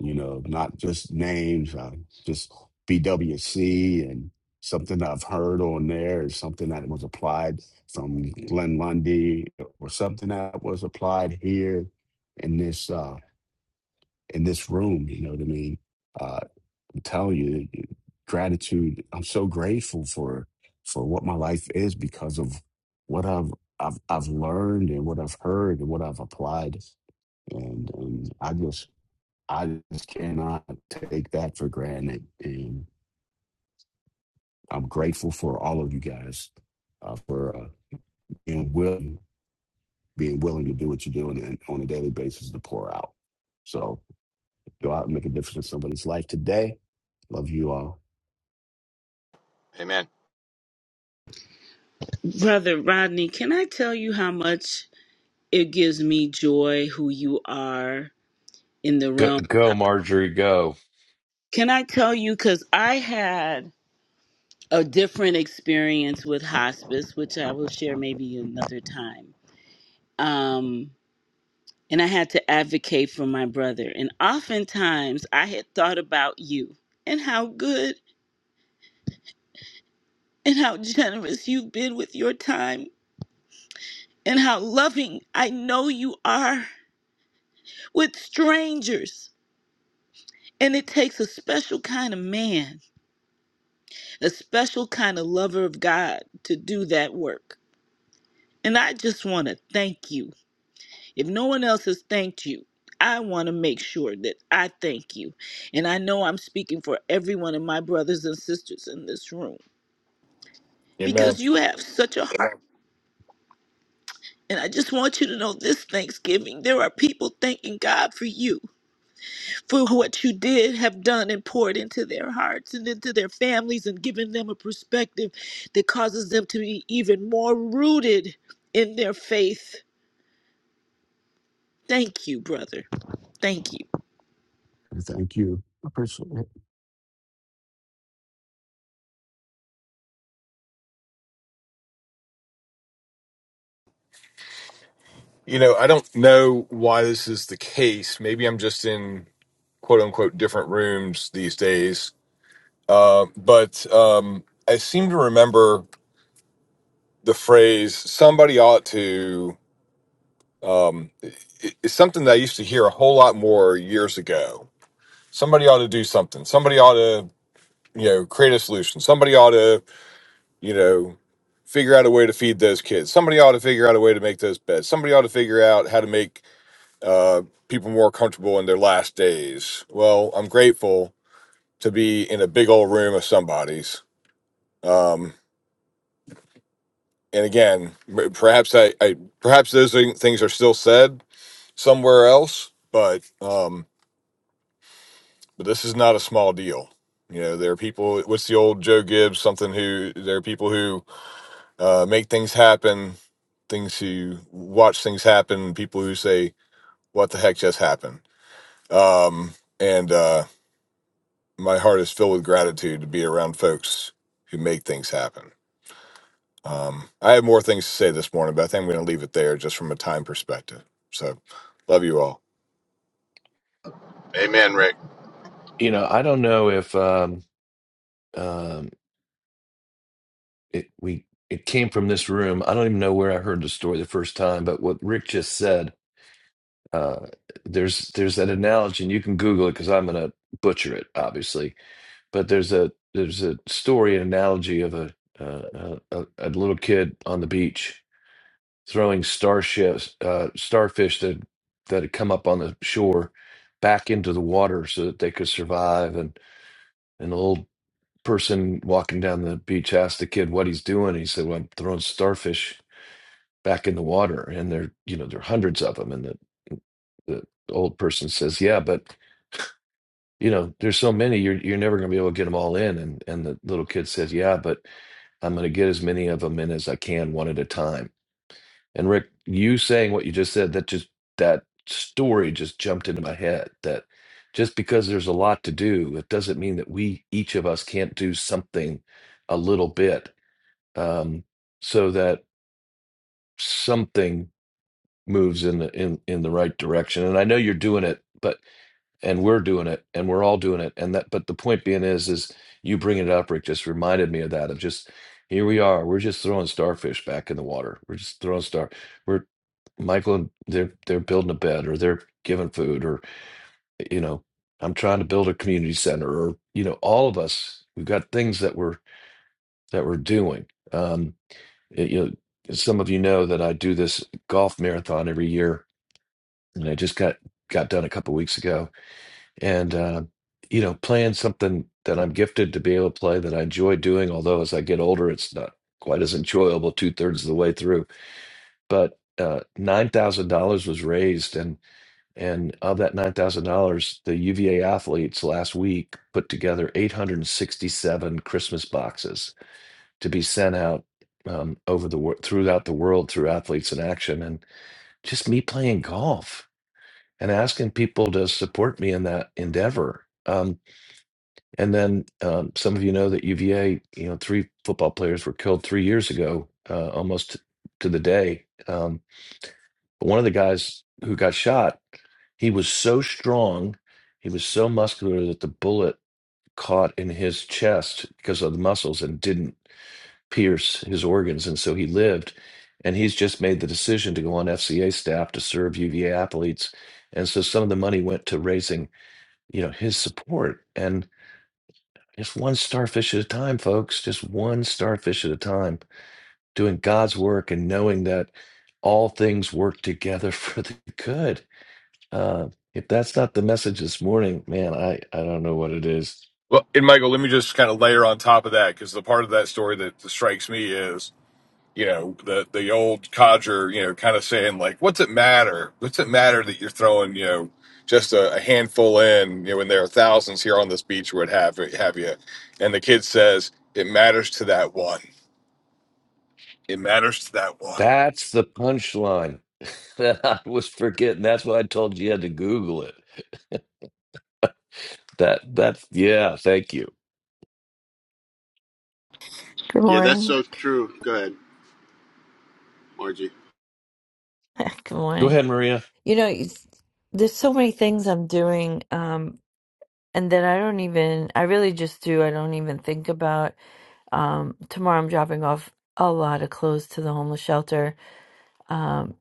you know, not just names, uh, just BWC and something I've heard on there is something that was applied from Glenn Lundy or something that was applied here in this uh, in this room. You know what I mean? Uh, I'm telling you, gratitude. I'm so grateful for for what my life is because of what I've I've, I've learned and what I've heard and what I've applied. And, and I just I just cannot take that for granted. And I'm grateful for all of you guys uh, for uh, being willing, being willing to do what you do and, and on a daily basis to pour out. So go out and make a difference in somebody's life today. Love you all. Amen. Brother Rodney, can I tell you how much it gives me joy who you are in the Go, realm? go, Marjorie, go. Can I tell you? Because I had a different experience with hospice, which I will share maybe another time. Um, and I had to advocate for my brother. And oftentimes I had thought about you and how good and how generous you've been with your time and how loving I know you are with strangers. And it takes a special kind of man, a special kind of lover of God to do that work. And I just want to thank you If no one else has thanked you, I want to make sure that I thank you. And I know I'm speaking for every one of my brothers and sisters in this room because Amen. you have such a heart. And I just want you to know this Thanksgiving, there are people thanking God for you, for what you did, have done, and poured into their hearts and into their families, and given them a perspective that causes them to be even more rooted in their faith. Thank you, brother. Thank you. And thank you. I appreciate it. You know, I don't know why this is the case. Maybe I'm just in quote unquote different rooms these days. Uh, but um, I seem to remember the phrase somebody ought to, it's something that I used to hear a whole lot more years ago. Somebody ought to do something. Somebody ought to, you know, create a solution. Somebody ought to, you know, figure out a way to feed those kids. Somebody ought to figure out a way to make those beds. Somebody ought to figure out how to make uh, people more comfortable in their last days. Well, I'm grateful to be in a big old room of somebody's. Um, and again, m- perhaps I, I perhaps those thing- things are still said somewhere else, but um, but this is not a small deal. You know, there are people. What's the old Joe Gibbs? Something who there are people who uh, make things happen, things who watch things happen, people who say, "What the heck just happened?" Um, and uh, my heart is filled with gratitude to be around folks who make things happen. Um, I have more things to say this morning, but I think I'm going to leave it there just from a time perspective. So, love you all. Amen, Rick. You know, I don't know if. Um, um, it we it came from this room. I don't even know where I heard the story the first time, but what Rick just said, uh, there's there's that analogy, and you can Google it because I'm gonna butcher it, obviously. But there's a there's a story, an analogy of a uh, a, a a little kid on the beach throwing starships, uh, starfish that that had come up on the shore back into the water so that they could survive, and and the old person walking down the beach asked the kid what he's doing. He said, "Well, I'm throwing starfish." back in the water and there you know there are hundreds of them and the, the old person says yeah but you know there's so many you're you're never going to be able to get them all in and and the little kid says yeah but i'm going to get as many of them in as i can one at a time and rick you saying what you just said that just that story just jumped into my head that just because there's a lot to do it doesn't mean that we each of us can't do something a little bit um so that something moves in the in in the right direction and i know you're doing it but and we're doing it and we're all doing it and that but the point being is is you bringing it up rick just reminded me of that of just here we are we're just throwing starfish back in the water we're just throwing star we're michael and they're they're building a bed or they're giving food or you know i'm trying to build a community center or you know all of us we've got things that we're that we're doing um it- you know some of you know that i do this golf marathon every year and I just got got done a couple weeks ago. And uh, you know, playing something that I'm gifted to be able to play that I enjoy doing. Although as I get older, it's not quite as enjoyable two thirds of the way through. But uh, nine thousand dollars was raised, and and of that nine thousand dollars, the UVA athletes last week put together eight hundred and sixty seven Christmas boxes to be sent out. Um, over the wor- throughout the world through athletes in action and just me playing golf and asking people to support me in that endeavor. Um, and then um, some of you know that UVA, you know, three football players were killed three years ago, uh, almost to the day. Um, but one of the guys who got shot, he was so strong, he was so muscular that the bullet caught in his chest because of the muscles and didn't pierce his organs, and so he lived. And he's just made the decision to go on FCA staff to serve UVA athletes, and so some of the money went to raising you know his support and just one starfish at a time folks just one starfish at a time doing god's work and knowing that all things work together for the good uh, if that's not the message this morning man i i don't know what it is Well, and Michael, let me just kind of layer on top of that because the part of that story that strikes me is, you know, the the old codger, you know, kind of saying like, "What's it matter? What's it matter that you're throwing, you know, just a, a handful in, you know, when there are thousands here on this beach, or what have have you?" And the kid says, "It matters to that one." It matters to that one. that's the punchline that i was forgetting that's why i told you you had to google it that that's yeah thank you Good Yeah, that's morning. so true. Go ahead, Margie. Good go morning. ahead maria You know, it's- there's so many things I'm doing, um, and that I don't even, I really just do, I don't even think about. Um, tomorrow I'm dropping off a lot of clothes to the homeless shelter. Um,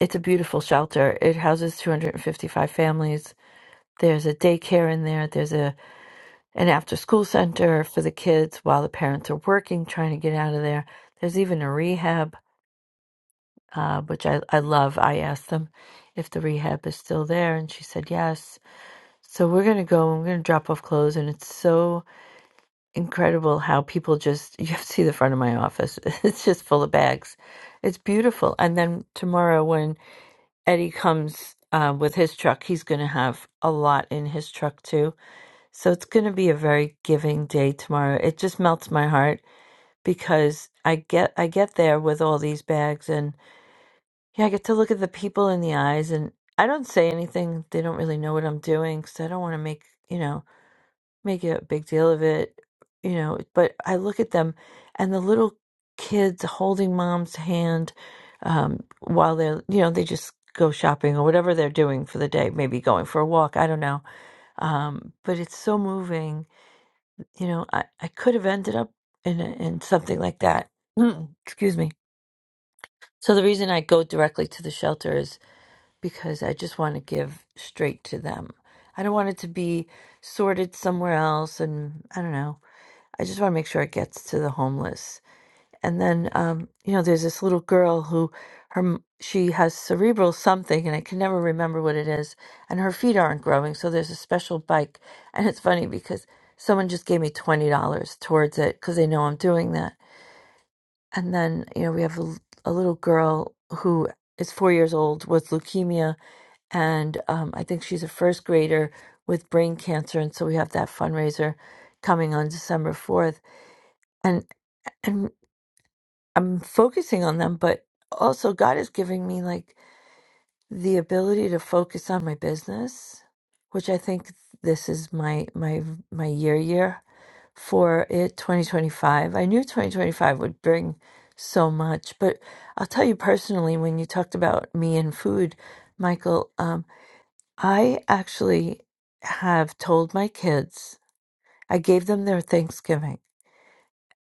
it's a beautiful shelter. It houses 255 families. There's a daycare in there. There's a an after school center for the kids while the parents are working, trying to get out of there. There's even a rehab uh, which I, I love. I asked them if the rehab is still there, and she said yes. So we're going to go and we're going to drop off clothes. And it's so incredible how people just, you have to see the front of my office. It's just full of bags. It's beautiful. And then tomorrow, when Eddie comes uh, with his truck, he's going to have a lot in his truck too. So it's going to be a very giving day tomorrow. It just melts my heart because I get I get there with all these bags and. Yeah, I get to look at the people in the eyes, and I don't say anything. They don't really know what I'm doing because I don't want to make you know make a big deal of it, you know. But I look at them, and the little kids holding mom's hand um, while they're you know they just go shopping or whatever they're doing for the day, maybe going for a walk. I don't know. Um, but it's so moving. You know, I I could have ended up in a, in something like that. Excuse me. So the reason I go directly to the shelters because I just want to give straight to them. I don't want it to be sorted somewhere else. And I don't know. I just want to make sure it gets to the homeless. And then, um, you know, there's this little girl who her m- she has cerebral something, and I can never remember what it is. And her feet aren't growing, so there's a special bike. And it's funny because someone just gave me twenty dollars towards it because they know I'm doing that. And then, you know, we have a, l- a little girl who is four years old with leukemia, and um, I think she's a first grader with brain cancer, and so we have that fundraiser coming on December fourth, and and I'm focusing on them, but also God is giving me like the ability to focus on my business, which I think this is my my my year year for it 2025. I knew 2025 would bring so much, but I'll tell you personally when you talked about me and food, Michael. Um, I actually have told my kids, I gave them their Thanksgiving.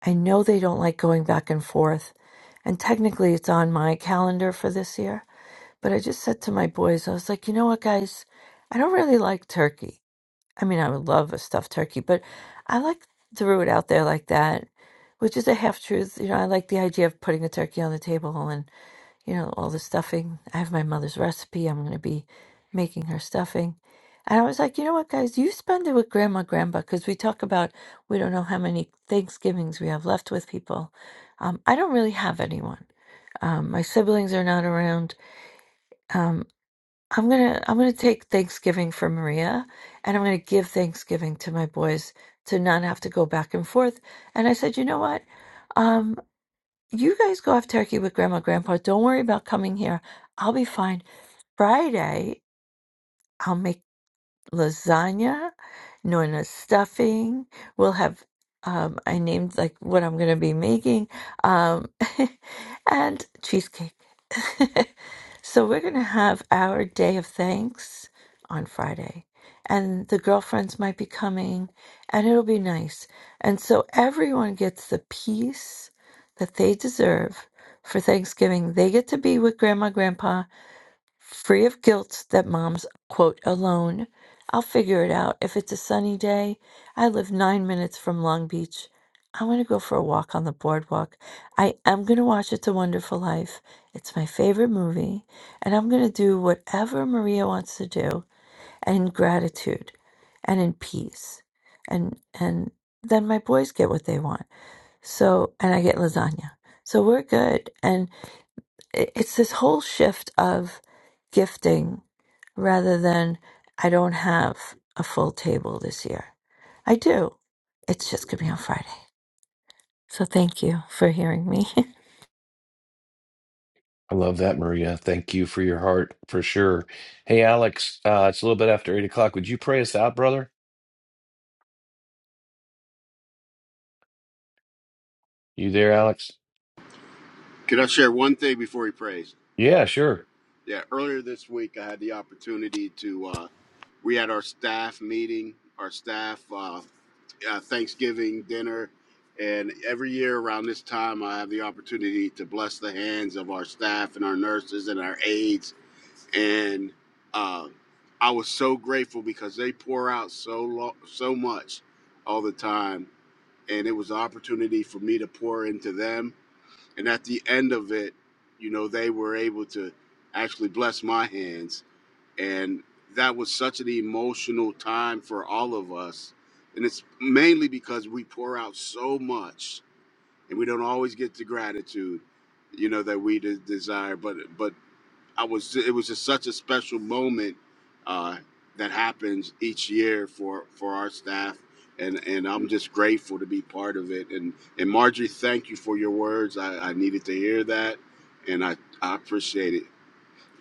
I know they don't like going back and forth. And technically, it's on my calendar for this year. But I just said to my boys, I was like, you know what, guys? I don't really like turkey. I mean, I would love a stuffed turkey, but I like threw it out there like that, which is a half truth. You know, I like the idea of putting a turkey on the table you know, all the stuffing. I have my mother's recipe. I'm going to be making her stuffing. And I was like, you know what, guys, you spend it with grandma, grandpa, because we talk about we don't know how many Thanksgivings we have left with people. Um, I don't really have anyone. Um, my siblings are not around. Um, I'm gonna I'm gonna take Thanksgiving for Maria, and I'm gonna give Thanksgiving to my boys to not have to go back and forth. And I said, you know what? Um, you guys go have turkey with grandma grandpa don't worry about coming here i'll be fine friday I'll make lasagna, Nona's stuffing. We'll have, um, I named like what I'm going to be making, um, and cheesecake. so we're going to have our day of thanks on Friday. And the girlfriends might be coming, and it'll be nice. And so everyone gets the peace that they deserve for Thanksgiving. They get to be with grandma, grandpa, free of guilt that mom's, quote, alone. I'll figure it out. If it's a sunny day, I live nine minutes from Long Beach. I want to go for a walk on the boardwalk. I am going to watch It's a Wonderful Life. It's my favorite movie. And I'm going to do whatever Maria wants to do and in gratitude and in peace. And, and then my boys get what they want. So, and I get lasagna. So we're good. and it- it's this whole shift of gifting rather than I don't have a full table this year. I do. It's just going to be on Friday. So thank you for hearing me. I love that, Maria. Thank you for your heart for sure. Hey, Alex, uh, it's a little bit after eight o'clock. Would you pray us out, brother? You there, Alex? Could I share one thing before he prays? Yeah, sure. Yeah, earlier this week, I had the opportunity to. Uh, we had our staff meeting, our staff uh, uh, Thanksgiving dinner, and every year around this time, I have the opportunity to bless the hands of our staff and our nurses and our aides. And uh, I was so grateful because they pour out so lo- so much all the time, and it was an opportunity for me to pour into them and at the end of it, you know, they were able to actually bless my hands, and that was such an emotional time for all of us, and it's mainly because we pour out so much, and we don't always get the gratitude, you know, that we de- desire. But but I was it was just such a special moment uh, that happens each year for for our staff, and and I'm just grateful to be part of it. And and Marjorie, thank you for your words. I, I needed to hear that, and I I appreciate it.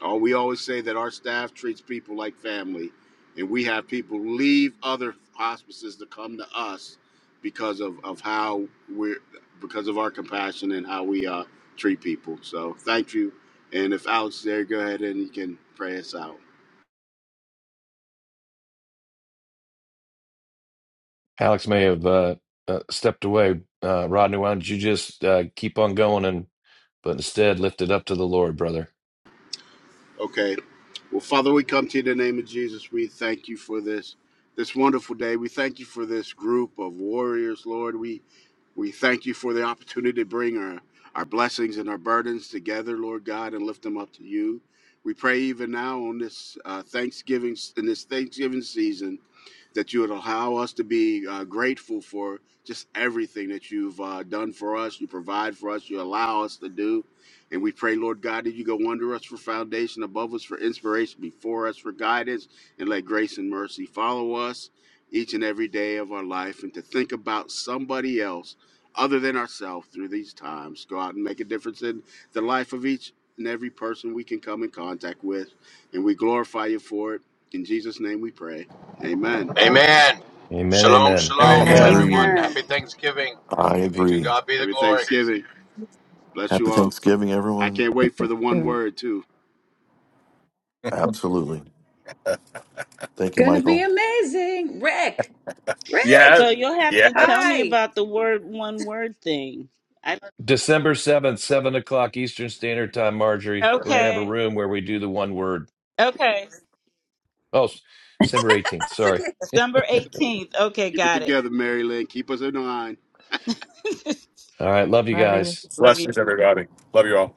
Oh, we always say that our staff treats people like family, and we have people leave other hospices to come to us because of, of how we're because of our compassion and how we uh, treat people. So thank you. And if Alex is there, go ahead and you can pray us out. Alex may have uh, uh, stepped away. Uh, Rodney, why don't you just uh, keep on going and but instead lift it up to the Lord, brother. Okay. Well, Father, we come to you in the name of Jesus. We thank you for this this wonderful day. We thank you for this group of warriors, Lord. We we thank you for the opportunity to bring our our blessings and our burdens together, Lord God, and lift them up to you. We pray even now on this uh, Thanksgiving in this Thanksgiving season that you would allow us to be uh, grateful for just everything that you've uh, done for us, you provide for us, you allow us to do. And we pray, Lord God, that you go under us for foundation, above us for inspiration, before us for guidance, and let grace and mercy follow us each and every day of our life. And to think about somebody else other than ourselves through these times. Go out and make a difference in the life of each and every person we can come in contact with. And we glorify you for it. In Jesus' name we pray. Amen. Amen. Amen, Shalom, amen, And it, shalom, And I amen. um, agree. everyone. Happy Thanksgiving. I To agree. God be the Every glory. Thanksgiving, bless you Happy all. Thanksgiving, I everyone. can't wait for the one word, too. Absolutely. Thank you, Gonna be Michael. amazing. Rick, yeah, So Rick, you'll have yeah, to tell me hi. about the word one word thing. I December 7th, 7 o'clock Eastern Standard Time, Marjorie. We're going to have a okay. room where we do the one word. Okay. Oh, s- December 18th. That's okay. Sorry. December 18th. Okay, Keep it got together, Mary Lynn. Keep us in line. it. All right. Love you love you. guys. Love you. blessings everybody. Love you all.